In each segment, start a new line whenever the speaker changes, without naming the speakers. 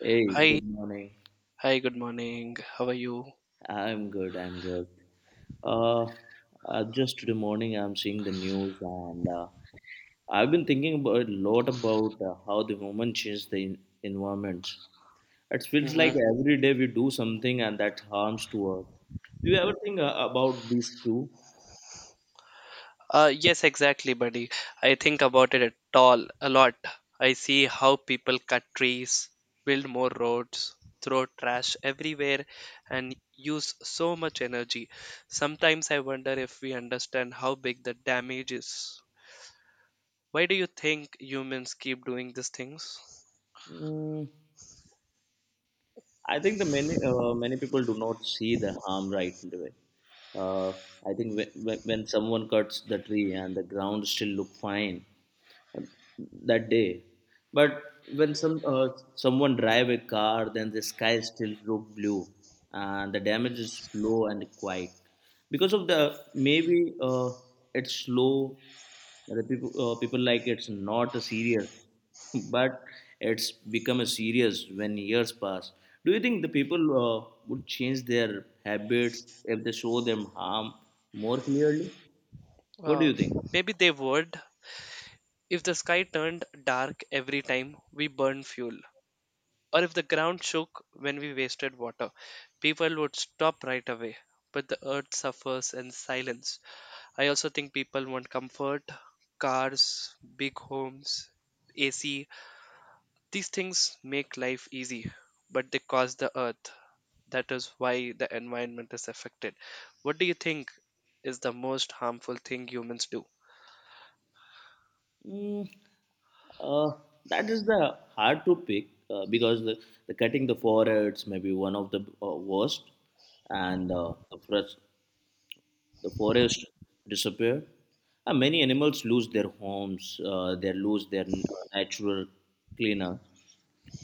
Hey,
Hi,
good morning.
good morning. How are you?
I'm good. I'm good. Uh, just today morning, I'm seeing the news, and I've been thinking about a lot about how the human change the environment. It feels like
hmm
every day we do something and that harms to Earth. Do you ever think about these two?
Yes, exactly, buddy. I think about it at all a lot. I see how people cut trees, build more roads, throw trash everywhere, and use so much energy. Sometimes I wonder if we understand how big the damage is. Why do you think humans keep doing these things?
Mm, I think the many many people do not see the harm right away. Uh, I think when someone cuts the tree and the ground still look fine, that day. But when someone drive a car, then the sky still look blue, and the damage is slow and quiet. Because of the maybe it's slow. The people like it's not serious, but it's become a serious when years pass. Do you think the people would change their habits if they show them harm more clearly? What do
Uh,
you think?
maybe they would. If the sky turned dark every time we burn fuel, or if the ground shook when we wasted water, people would stop right away. But the earth suffers in silence. I also think people want comfort, cars, big homes, AC. These things make life easy, but they cost the earth. That is why the environment is affected. What do you think is the most harmful thing humans do?
Mm, uh, that is the hard to pick because the cutting the foreheads may be one of the worst, and the forest disappear. Many animals lose their homes. They lose their natural cleaner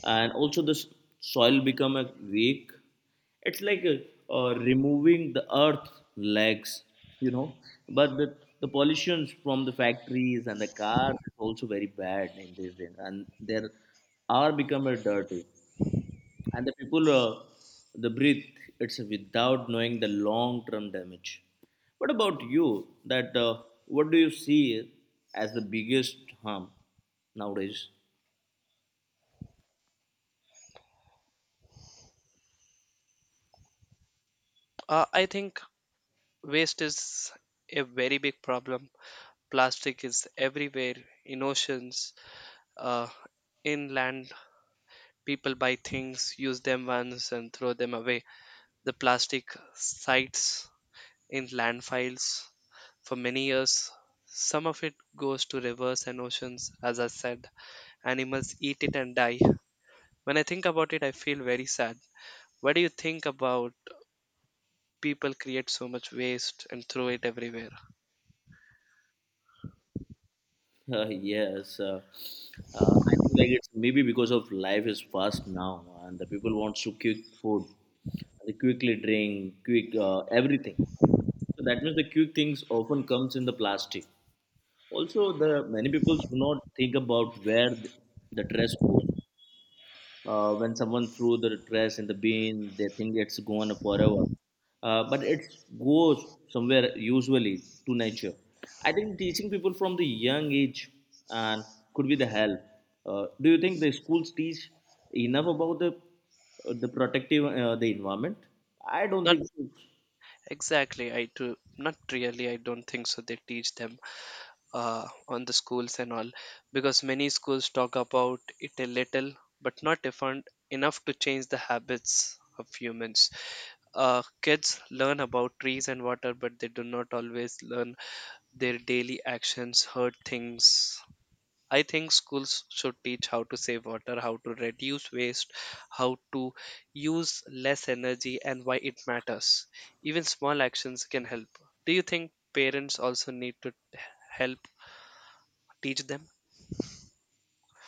and also the soil become a weak it's like removing the earth legs you know but the pollutions from the factories and the cars is also very bad in this day and there are become a dirty and the people the breathe it's without knowing the long term damage what about you that what do you see as the biggest harm nowadays
I think waste is a very big problem. Plastic is everywhere in oceans, uh, inland, people buy things, use them once and throw them away. The plastic sites in landfills for many years. Some of it goes to rivers and oceans, as I said. Animals eat it and die. When I think about it I feel very sad. What do you think about people create so much waste and throw it everywhere?
Uh, yes, uh, I think like it's maybe because of life is fast now, and the people wants to quick food, they quickly drink, quick everything. So that means the quick things often comes in the plastic. Also, the many people do not think about where the trash goes. When someone threw the trash in the bin, they think it's gone forever. But it goes somewhere usually to nature. I think teaching people from the young age and could be the help. Do you think the schools teach enough about the protective the environment? I don't
Not
think so.
Exactly. I do not really. I don't think so. They teach them on the schools and all, because many schools talk about it a little, but not different enough to change the habits of humans. Kids learn about trees and water, but they do not always learn their daily actions hurt things. I think schools should teach how to save water, how to reduce waste, how to use less energy, and why it matters. Even small actions can help. Do you think parents also need to help teach them?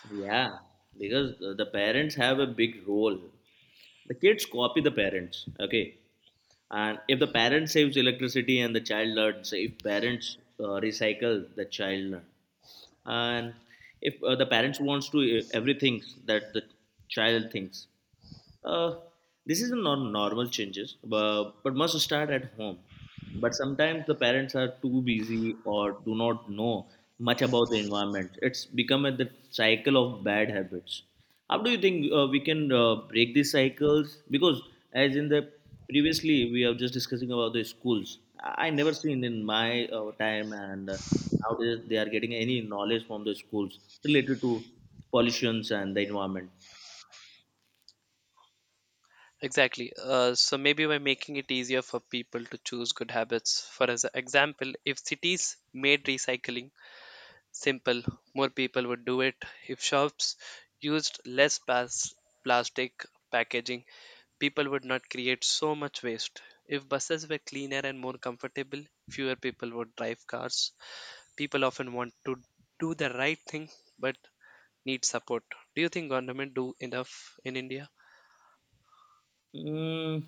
Yeah, because the parents have a big role. The kids copy the parents, okay? And if the parent saves electricity and the child learns, if parents recycle, the child learns. And if the parents wants to everything that the child thinks, uh, this is not normal changes, but must start at home. But sometimes the parents are too busy or do not know much about the environment. It's become a the cycle of bad habits. How do you think we can break these cycles? Because as in the previously we are just discussing about the schools. I never seen in my time and nowadays they are getting any knowledge from the schools related to pollutions and the environment.
Exactly. So maybe by making it easier for people to choose good habits. For as example, if cities made recycling simple, more people would do it. If shops used less plastic packaging, people would not create so much waste. If buses were cleaner and more comfortable, fewer people would drive cars. People often want to do the right thing but need support. Do you think government do enough in India?
Mm,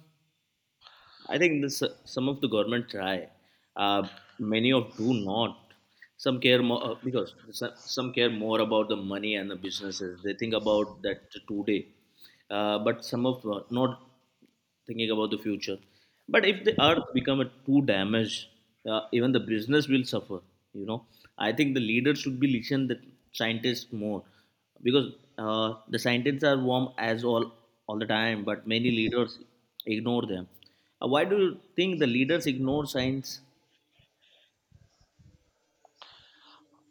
I think this some of the government try, uh, many of do not. Some care more because some care more about the money and the businesses. They think about that today, but some of not thinking about the future. But if the earth become a too damaged, even the business will suffer. You know, I think the leaders should be listen the scientists more because the scientists are warm as all the time but many leaders ignore them. Why do you think the leaders ignore science?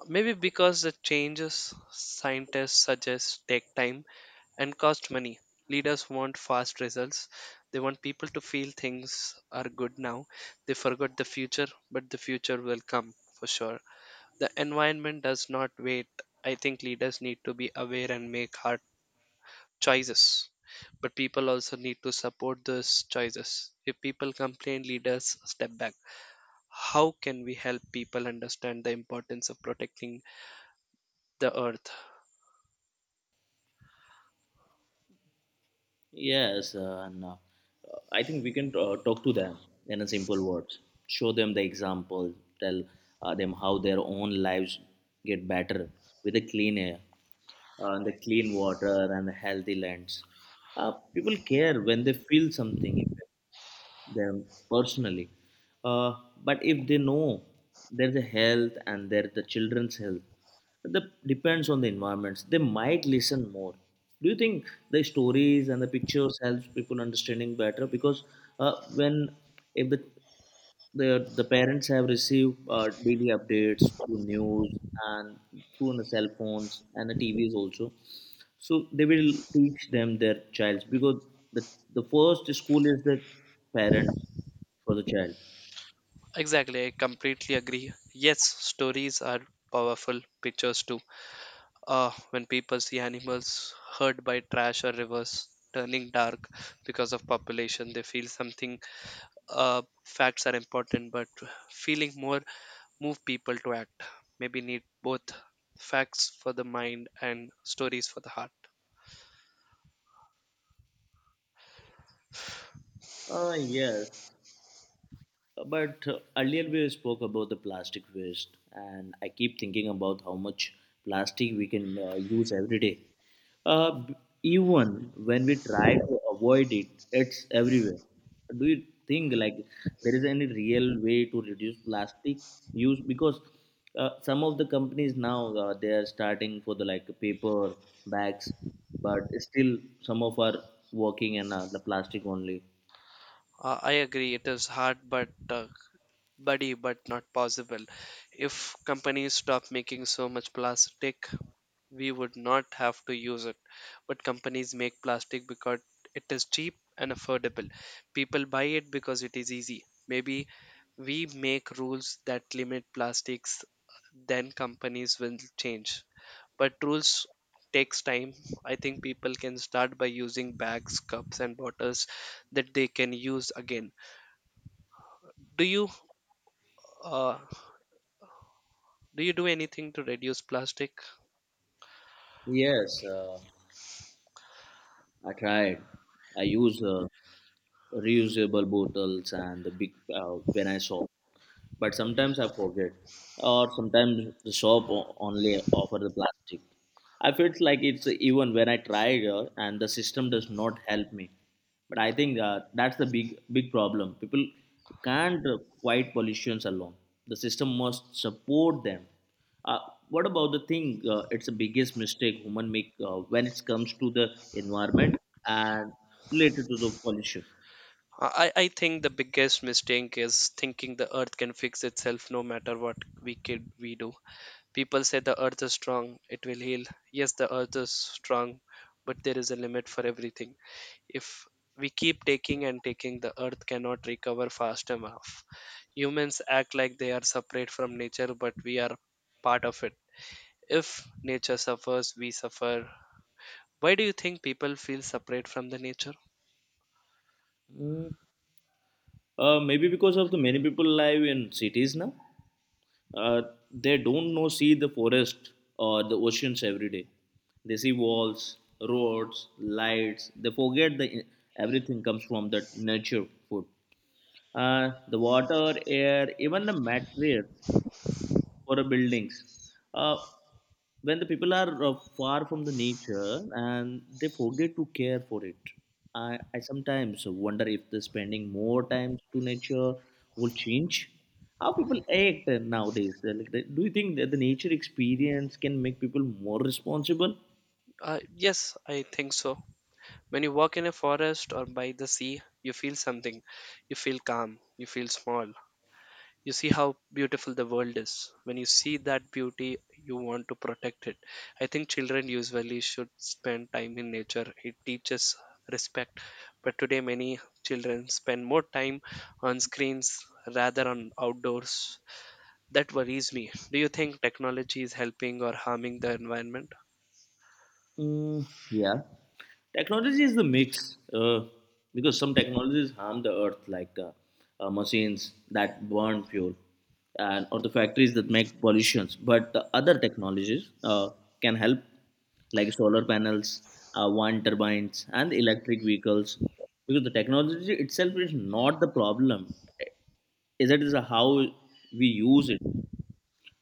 Maybe because the changes scientists suggest take time and cost money. Leaders want fast results. They want people to feel things are good now. They forgot the future, but the future will come for sure. The environment does not wait. I think leaders need to be aware and make hard choices. But people also need to support those choices. If people complain, leaders step back. How can we help people understand the importance of protecting the earth?
Yes uh, and uh, I think we can talk to them in a simple words show them the example tell them how their own lives get better with the clean air and the clean water and the healthy lands uh, people care when they feel something them personally. Uh, but if they know there's a health and there's the children's health, that depends on the environments. They might listen more. Do you think the stories and the pictures helps people understanding better? Because when if the parents have received daily updates through news and through on the cell phones and the TVs also. So they will teach them their childs because the the first school is the parents for the child.
Exactly, I completely agree. Yes, stories are powerful, pictures too. When people see animals hurt by trash or rivers turning dark because of population, they feel something. Facts are important, but feeling more move people to act. Maybe need both facts for the mind and stories for the heart.
Yes, But earlier we spoke about the plastic waste, and I keep thinking about how much plastic we can use every day. Uh, b- even when we try to avoid it, it's everywhere. Do you think like there is any real way to reduce plastic use? Because some of the companies now they are starting for the like paper bags, but still some of are working in the plastic only.
I agree, it is hard, but buddy, but not possible. If companies stopped making so much plastic, we would not have to use it. But companies make plastic because it is cheap and affordable. People buy it because it is easy. Maybe we make rules that limit plastics, then companies will change. But rules takes time. I think people can start by using bags, cups, and bottles that they can use again. do you uh, do you do anything to reduce plastic?
Yes, I tried. I use reusable bottles and the big when I saw but sometimes I forget, or sometimes the shop only offer the plastic. I felt like it's even when I tried, and the system does not help me. But I think that's the big problem. People can't fight pollutions alone. The system must support them. Uh, what about the thing? It's the biggest mistake human make when it comes to the environment and related to the pollution.
I think the biggest mistake is thinking the earth can fix itself no matter what we do. People say the earth is strong, it will heal. Yes, the earth is strong, but there is a limit for everything. If we keep taking and taking, the earth cannot recover fast enough. Humans act like they are separate from nature, but we are part of it. If nature suffers, we suffer. Why do you think people feel separate from the nature?
Mm. Maybe because of the many people live in cities now. uh, they don't know see the forest or the oceans every day they see walls roads lights they forget the everything comes from that nature food the water air even the material for the buildings. Uh, when the people are far from the nature and they forget to care for it, I sometimes wonder if the spending more time to nature will change how people act nowadays. They're Like, do you think that the nature experience can make people more responsible?
Uh, yes, I think so. When you walk in a forest or by the sea, you feel something. You feel calm. You feel small. You see how beautiful the world is. When you see that beauty, you want to protect it. I think children usually should spend time in nature. It teaches respect. But today, many children spend more time on screens rather on outdoors. That worries me. Do you think technology is helping or harming the environment?
Mm, yeah. Technology is the mix because some technologies harm the earth, like machines that burn fuel and or the factories that make pollutions. But the other technologies can help, like solar panels, wind turbines, and electric vehicles. Because the technology itself is not the problem; is it is how we use it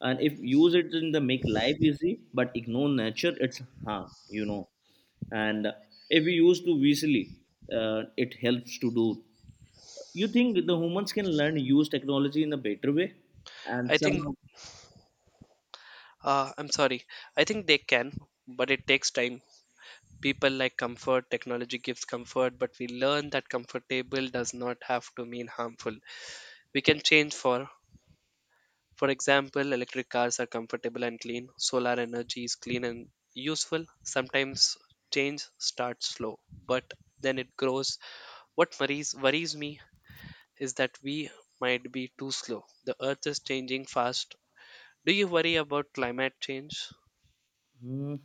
and if use it in the make life easy but ignore nature it's harm you know and if we use too easily it helps to do you think the humans can learn use technology in a better way and
I think,
somehow.
I'm sorry, I think they can, but it takes time. People like comfort, technology gives comfort, but we learn that comfortable does not have to mean harmful. We can change. For example, electric cars are comfortable and clean, solar energy is clean and useful. Sometimes change starts slow, but then it grows. What worries me is that we might be too slow. The earth is changing fast. Do you worry about climate change?
Hmm.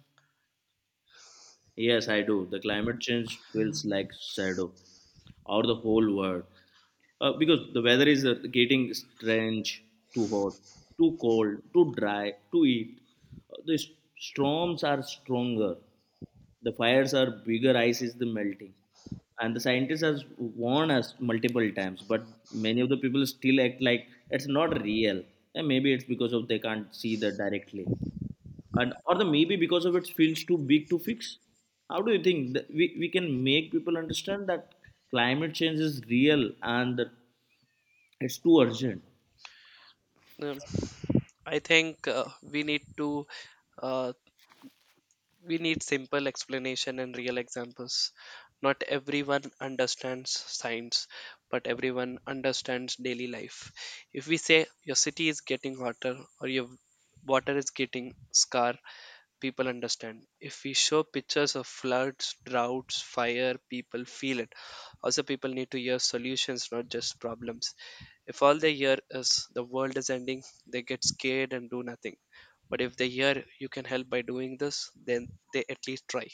Yes, I do. The climate change feels like shadow or the whole world. Because the weather is getting strange, too hot, too cold, too dry, too heat. Uh, the s- storms are stronger. The fires are bigger, ice is the melting. And the scientists have warned us multiple times, but many of the people still act like it's not real. And maybe it's because of they can't see that directly and or the maybe because of it feels too big to fix how do you think that we can make people understand that climate change is real and that it's too urgent.
Um, I think uh, we need simple explanation and real examples. Not everyone understands science, but everyone understands daily life. If we say your city is getting hotter or your water is getting scar, people understand. If we show pictures of floods, droughts, fire, people feel it. Also, people need to hear solutions, not just problems. If all they hear is the world is ending, they get scared and do nothing. But if they hear you can help by doing this, then they at least try.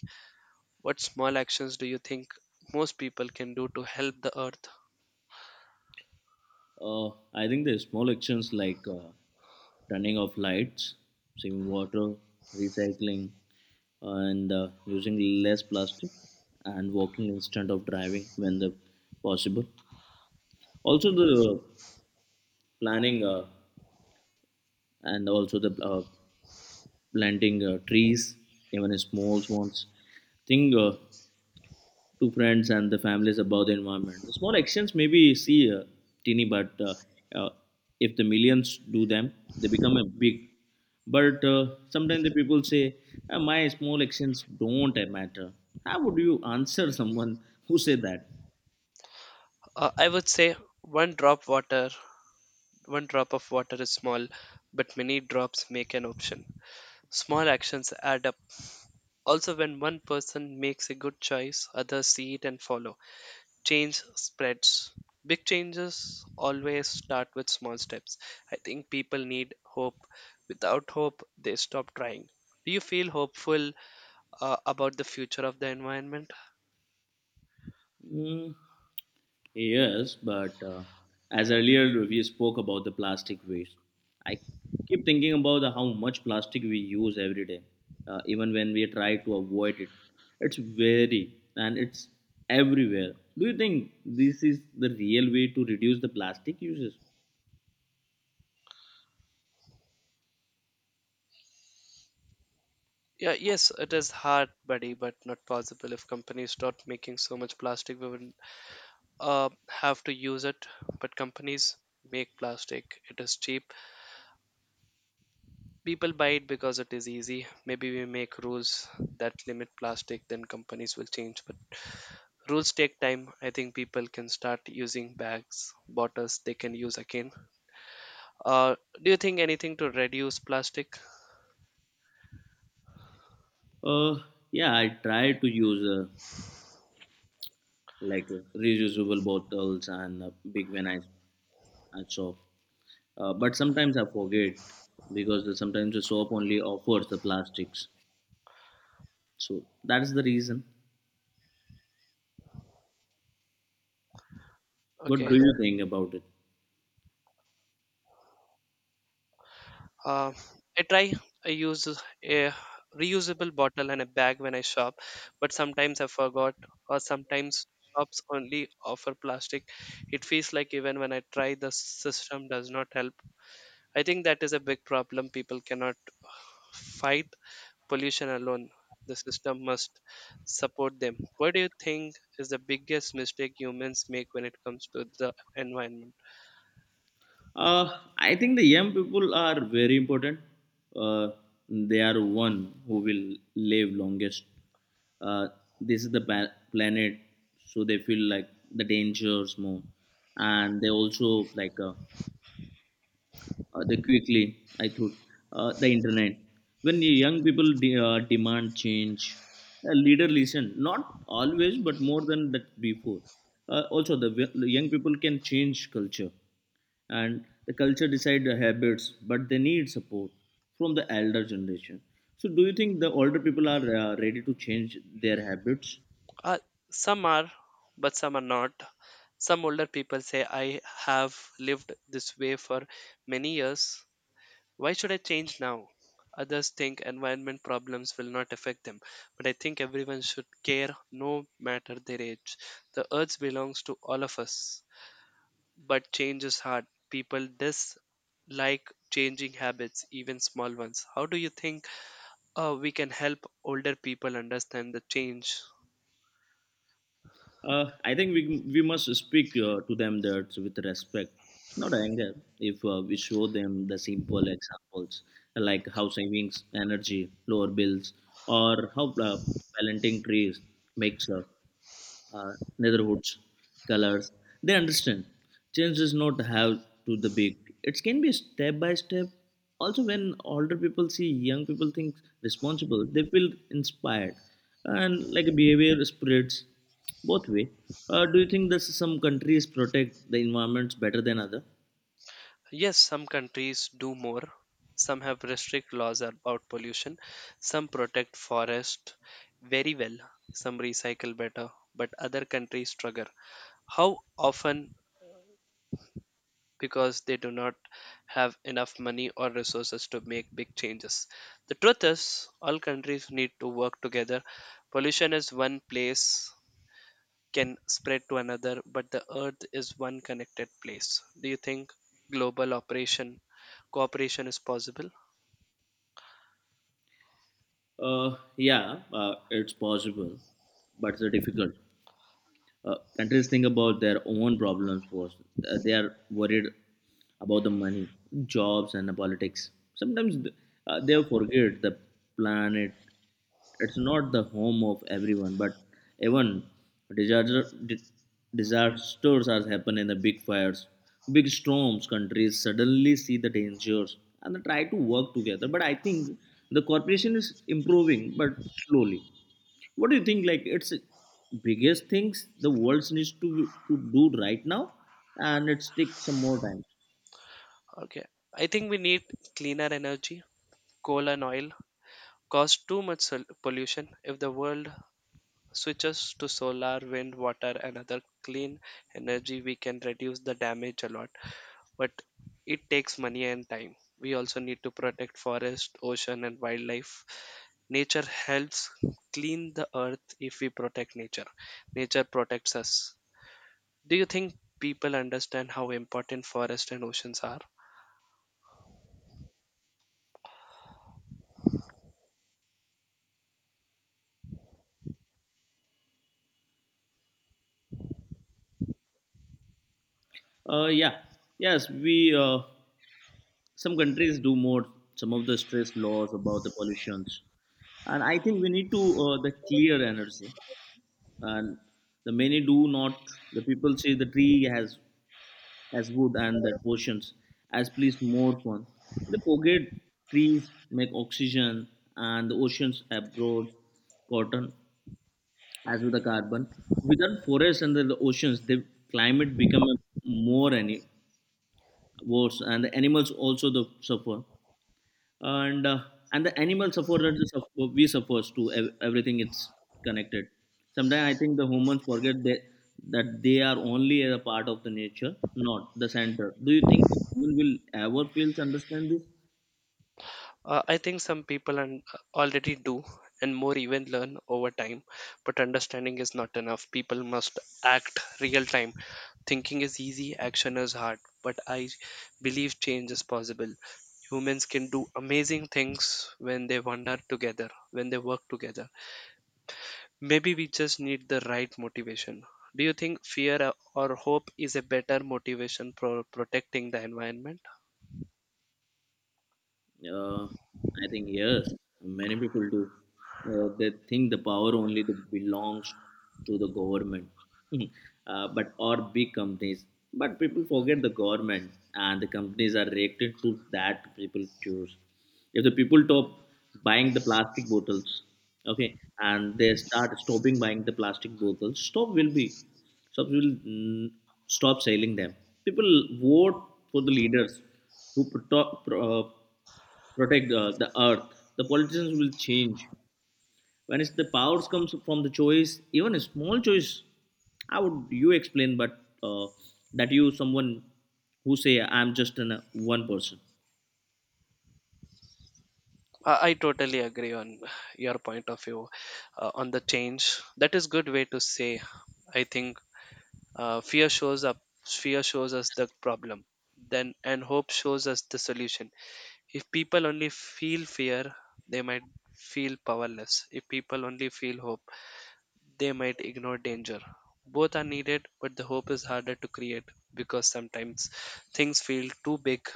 What small actions do you think most people can do to help the earth?
uh, I think the small actions like turning off lights saving water recycling and using less plastic and walking instead of driving when the possible also the planning and also the planting trees, even small ones. Think to friends and the families about the environment. The small actions maybe see teeny, but uh, if the millions do them, they become a big. But sometimes the people say, "Ah, my small actions don't matter." How would you answer someone who say that?
I would say one drop water, one drop of water is small, but many drops make an ocean. Small actions add up. Also, when one person makes a good choice, others see it and follow. Change spreads. Big changes always start with small steps. I think people need hope. Without hope, they stop trying. Do you feel hopeful about the future of the environment?
Mm, Yes, but as earlier we spoke about the plastic waste, I keep thinking about how much plastic we use every day, even when we try to avoid it. It's very and it's everywhere. Do you think this is the real way to reduce the plastic uses?
Yeah, yes, it is hard, buddy, but not possible. If companies start making so much plastic, we wouldn't have to use it. But companies make plastic. It is cheap. People buy it because it is easy. Maybe we make rules that limit plastic, then companies will change. But rules take time. I think people can start using bags, bottles they can use again. Uh, do you think anything to reduce plastic?
Uh, yeah, I try to use like reusable bottles and big when I shop, but sometimes I forget because sometimes the shop only offers the plastics. So that's the reason. What do
Okay.
you think about it?
Uh, I try. I use a reusable bottle and a bag when I shop, but sometimes I forgot, or sometimes shops only offer plastic. It feels like even when I try, the system does not help. I think that is a big problem. People cannot fight pollution alone. The system must support them. What do you think is the biggest mistake humans make when it comes to the environment?
Uh, I think the young people are very important. Uh, they are one who will live longest. Uh, this is the planet, so they feel like the dangers more, and they also like they quickly I thought the internet when the young people demand change a leader listen not always but more than that before the young people can change culture and the culture decide the habits but they need support from the elder generation so do you think the older people are ready to change their habits.
Uh, some are, but some are not. Some older people say, I have lived this way for many years. Why should I change now? Others think environment problems will not affect them, but I think everyone should care no matter their age. The earth belongs to all of us. But change is hard. People dislike changing habits, even small ones. How do you think we can help older people understand the change?
I think we must speak to them that with respect, not anger. If we show them the simple examples like how savings energy, lower bills, or how planting trees makes up neighborhoods, colors. They understand. Change does not have to the big. It can be step by step. Also, when older people see young people think responsible, they feel inspired, and like behavior spreads both way. Do you think that some countries protect the environments better than other?
Yes, some countries do more. Some have restrict laws about pollution. Some protect forest very well. Some recycle better, but other countries struggle. How often because they do not have enough money or resources to make big changes. The truth is, all countries need to work together. Pollution is one place can spread to another, but the earth is one connected place. Do you think global operation cooperation is possible?
Uh, yeah, it's possible, but it's difficult. Countries think about their own problems first. They are worried about the money, jobs, and the politics. Sometimes they forget the planet. It's not the home of everyone, but even disaster, di- disasters are happening in the big fires, big storms. Countries suddenly see the dangers and they try to work together. But I think the corporation is improving, but slowly. What do you think? Like it's biggest things the world needs to do right now, and it takes some more time.
Okay. I think we need cleaner energy. Coal and oil cause too much pollution. If the world switches to solar, wind, water, and other clean energy, we can reduce the damage a lot. But it takes money and time. We also need to protect forest, ocean, and wildlife. Nature helps clean the earth. If we protect nature, nature protects us. Do you think people understand how important forest and oceans are?
Uh, yeah, yes, we some countries do more. Some of the stress laws about the pollutions, and I think we need to the clear energy, and the many do not. The people say the tree has as wood and that portions as please more fun. They forget trees make oxygen and the oceans abroad cotton as with the carbon. Without forests and the oceans, the climate become more any worse and the animals also the suffer and and the animal sufferers is we suffers to everything it's connected. Sometimes I think the humans forget that they are only a part of the nature, not the center. Do you think that people will ever feel understand this?
I think some people and already do, and more even learn over time. But understanding is not enough. People must act real time. Thinking is easy, action is hard. But I believe change is possible. Humans can do amazing things when they wander together, when they work together. Maybe we just need the right motivation. Do you think fear or hope is a better motivation for protecting the environment?
I think yes, many people do. They think the power only the belongs to the government, but or big companies. But people forget the government and the companies are reacted to that people choose. If the people stop buying the plastic bottles, okay, and they start stopping buying the plastic bottles, stop will be stop will stop selling them. People vote for the leaders who protect. Protect the earth, the politicians will change when it's the powers comes from the choice, even a small choice. How would you explain but uh, that you someone who say I'm just one person?
I totally agree on your point of view on the change. That is good way to say. I think fear shows up. Fear shows us the problem, then and hope shows us the solution. If people only feel fear, they might feel powerless. If people only feel hope, they might ignore danger. Both are needed, but the hope is harder to create because sometimes things feel too big.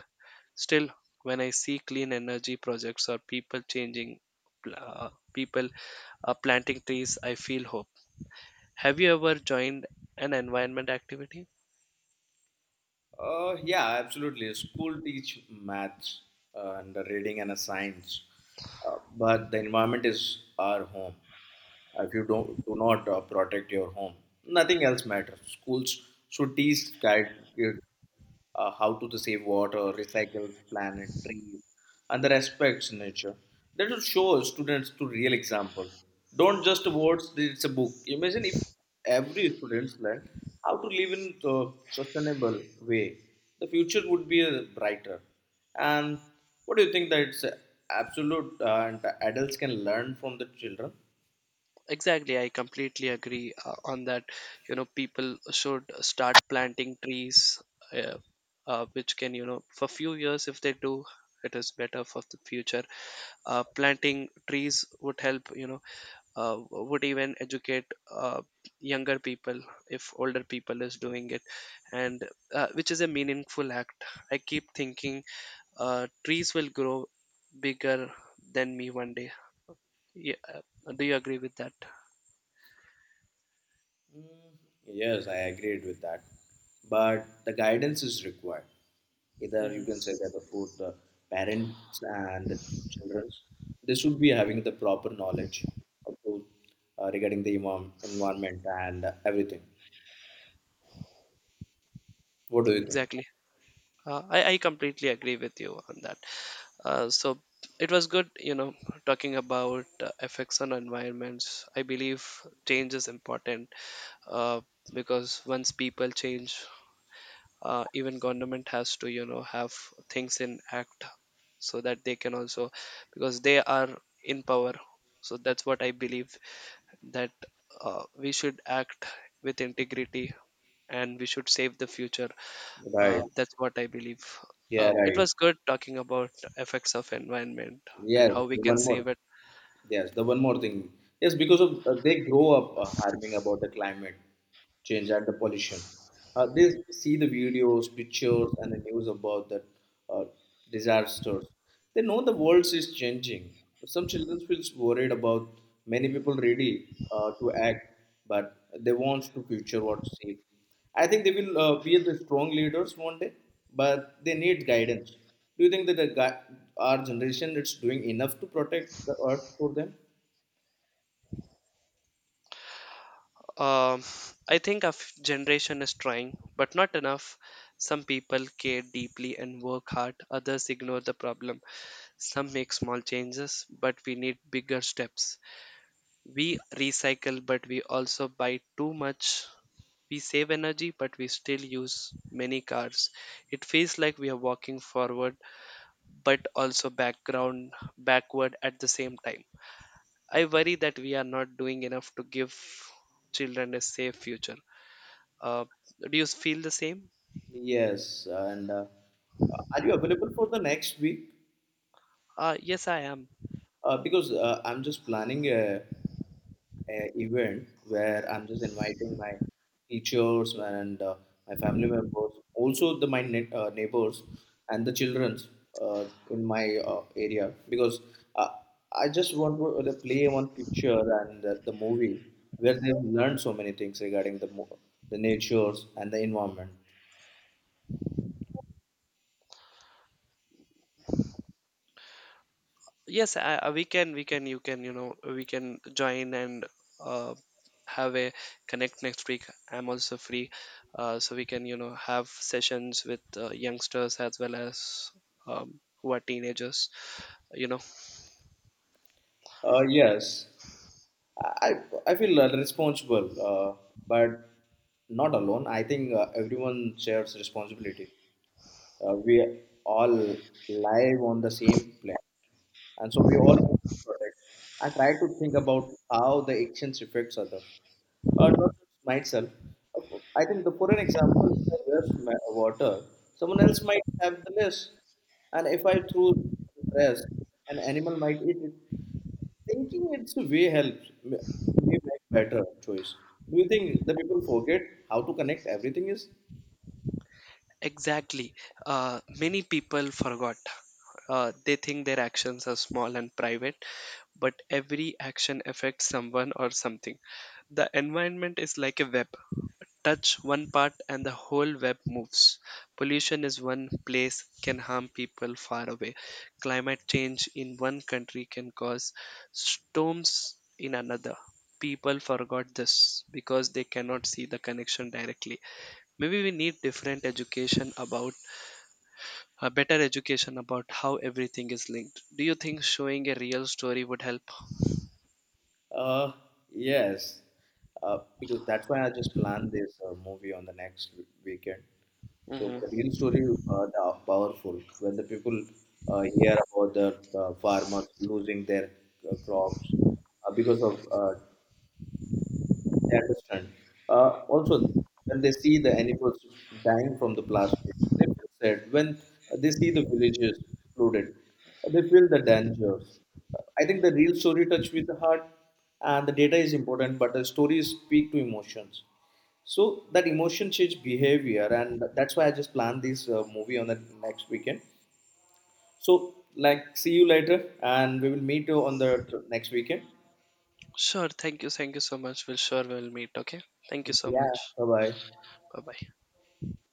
Still, when I see clean energy projects or people changing, people planting trees, I feel hope. Have you ever joined an environment activity?
Yeah, absolutely. School teach maths and the reading and a science, uh, but the environment is our home. If you don't do not protect your home, nothing else matters. Schools should teach guide kids how to save water, recycle planet, trees, and the respects nature. That will show students to real example. Don't just words. It's a book. Imagine if every students learn how to live in a sustainable way. The future would be brighter. And what do you think that it's absolute and adults can learn from the children?
Exactly, I completely agree on that. You know, people should start planting trees, uh, which can, you know, for few years if they do, it is better for the future. Planting trees would help, you know, would even educate uh, younger people if older people is doing it, and which is a meaningful act. I keep thinking trees will grow bigger than me one day. Yeah, do you agree with that?
Mm, Yes, I agreed with that. But the guidance is required. Either you
hmm
can say that the both the parents and the children, they should be having the proper knowledge of the regarding the environment and everything. What do you think?
exactly. I completely agree with you on that. So it was good, you know, talking about effects on environments. I believe change is important, uh, because once people change, even government has to, you know, have things in act so that they can also, because they are in power. So that's what I believe, that we should act with integrity and we should save the future.
Right.
That's what I believe.
Yeah,
It
right.
was good talking about effects of environment and
Yes,
how we
the
can
one more.
save it.
Yes, the one more thing. Yes, because of they grow up harming about the climate change and the pollution. They see the videos, pictures, and the news about that uh, disasters. They know the world is changing. Some children feels worried about many people ready to act, but they want to future what's safe. I think they will be the strong leaders one day, but they need guidance. Do you think that the our generation is doing enough to protect the earth for them?
Um, I think our generation is trying, but not enough. Some people care deeply and work hard. Others ignore the problem. Some make small changes, but we need bigger steps. We recycle, but we also buy too much. We save energy, but we still use many cars. It feels like we are walking forward but also background backward at the same time. I worry that we are not doing enough to give children a safe future. Uh, do you feel the same?
Yes, and are you available for the next week?
Yes, I am.
Because I'm just planning a event where I'm just inviting my teachers and my family members, also the my neighbors and the childrens in my area because uh, I just want to play one picture and the movie where they've learned so many things regarding the the natures and the environment.
Yes, I- we can, you know, we can join and uh, have a connect next week. I'm also free, so we can, you know, have sessions with youngsters as well as who are teenagers. You know.
Yes. I I feel responsible, uh, but not alone. I think everyone shares responsibility. We all live on the same planet, and so we all need to protect. I try to think about how the actions affects others, or not just myself. I think the, for an example, if I waste my water, someone else might have the less, and if I throw the trash, an animal might eat it. Thinking its way helps me make better choice. Do you think the people forget how to connect everything is?
Exactly. Many people forgot. They think their actions are small and private, but every action affects someone or something. The environment is like a web. Touch one part and the whole web moves. Pollution is one place can harm people far away. Climate change in one country can cause storms in another. People forgot this because they cannot see the connection directly. Maybe we need different education about a better education about how everything is linked. Do you think showing a real story would help?
Uh, yes, because that's why I just planned this movie on the next weekend. So
hmm
the real story the powerful when the people hear about the farmers losing their crops because of they understand. Also, when they see the animals dying from the plastic, they feel sad. When they see the villages flooded, they feel the dangers. I think the real story touch with the heart, and the data is important, but the stories speak to emotions. So that emotion change behavior, and that's why I just planned this movie on the next weekend. So, like, see you later, and we will meet you on the next weekend.
sure, thank you, thank you so much we'll sure we'll meet. Okay, thank you so
Yeah,
much.
bye bye.
Bye bye.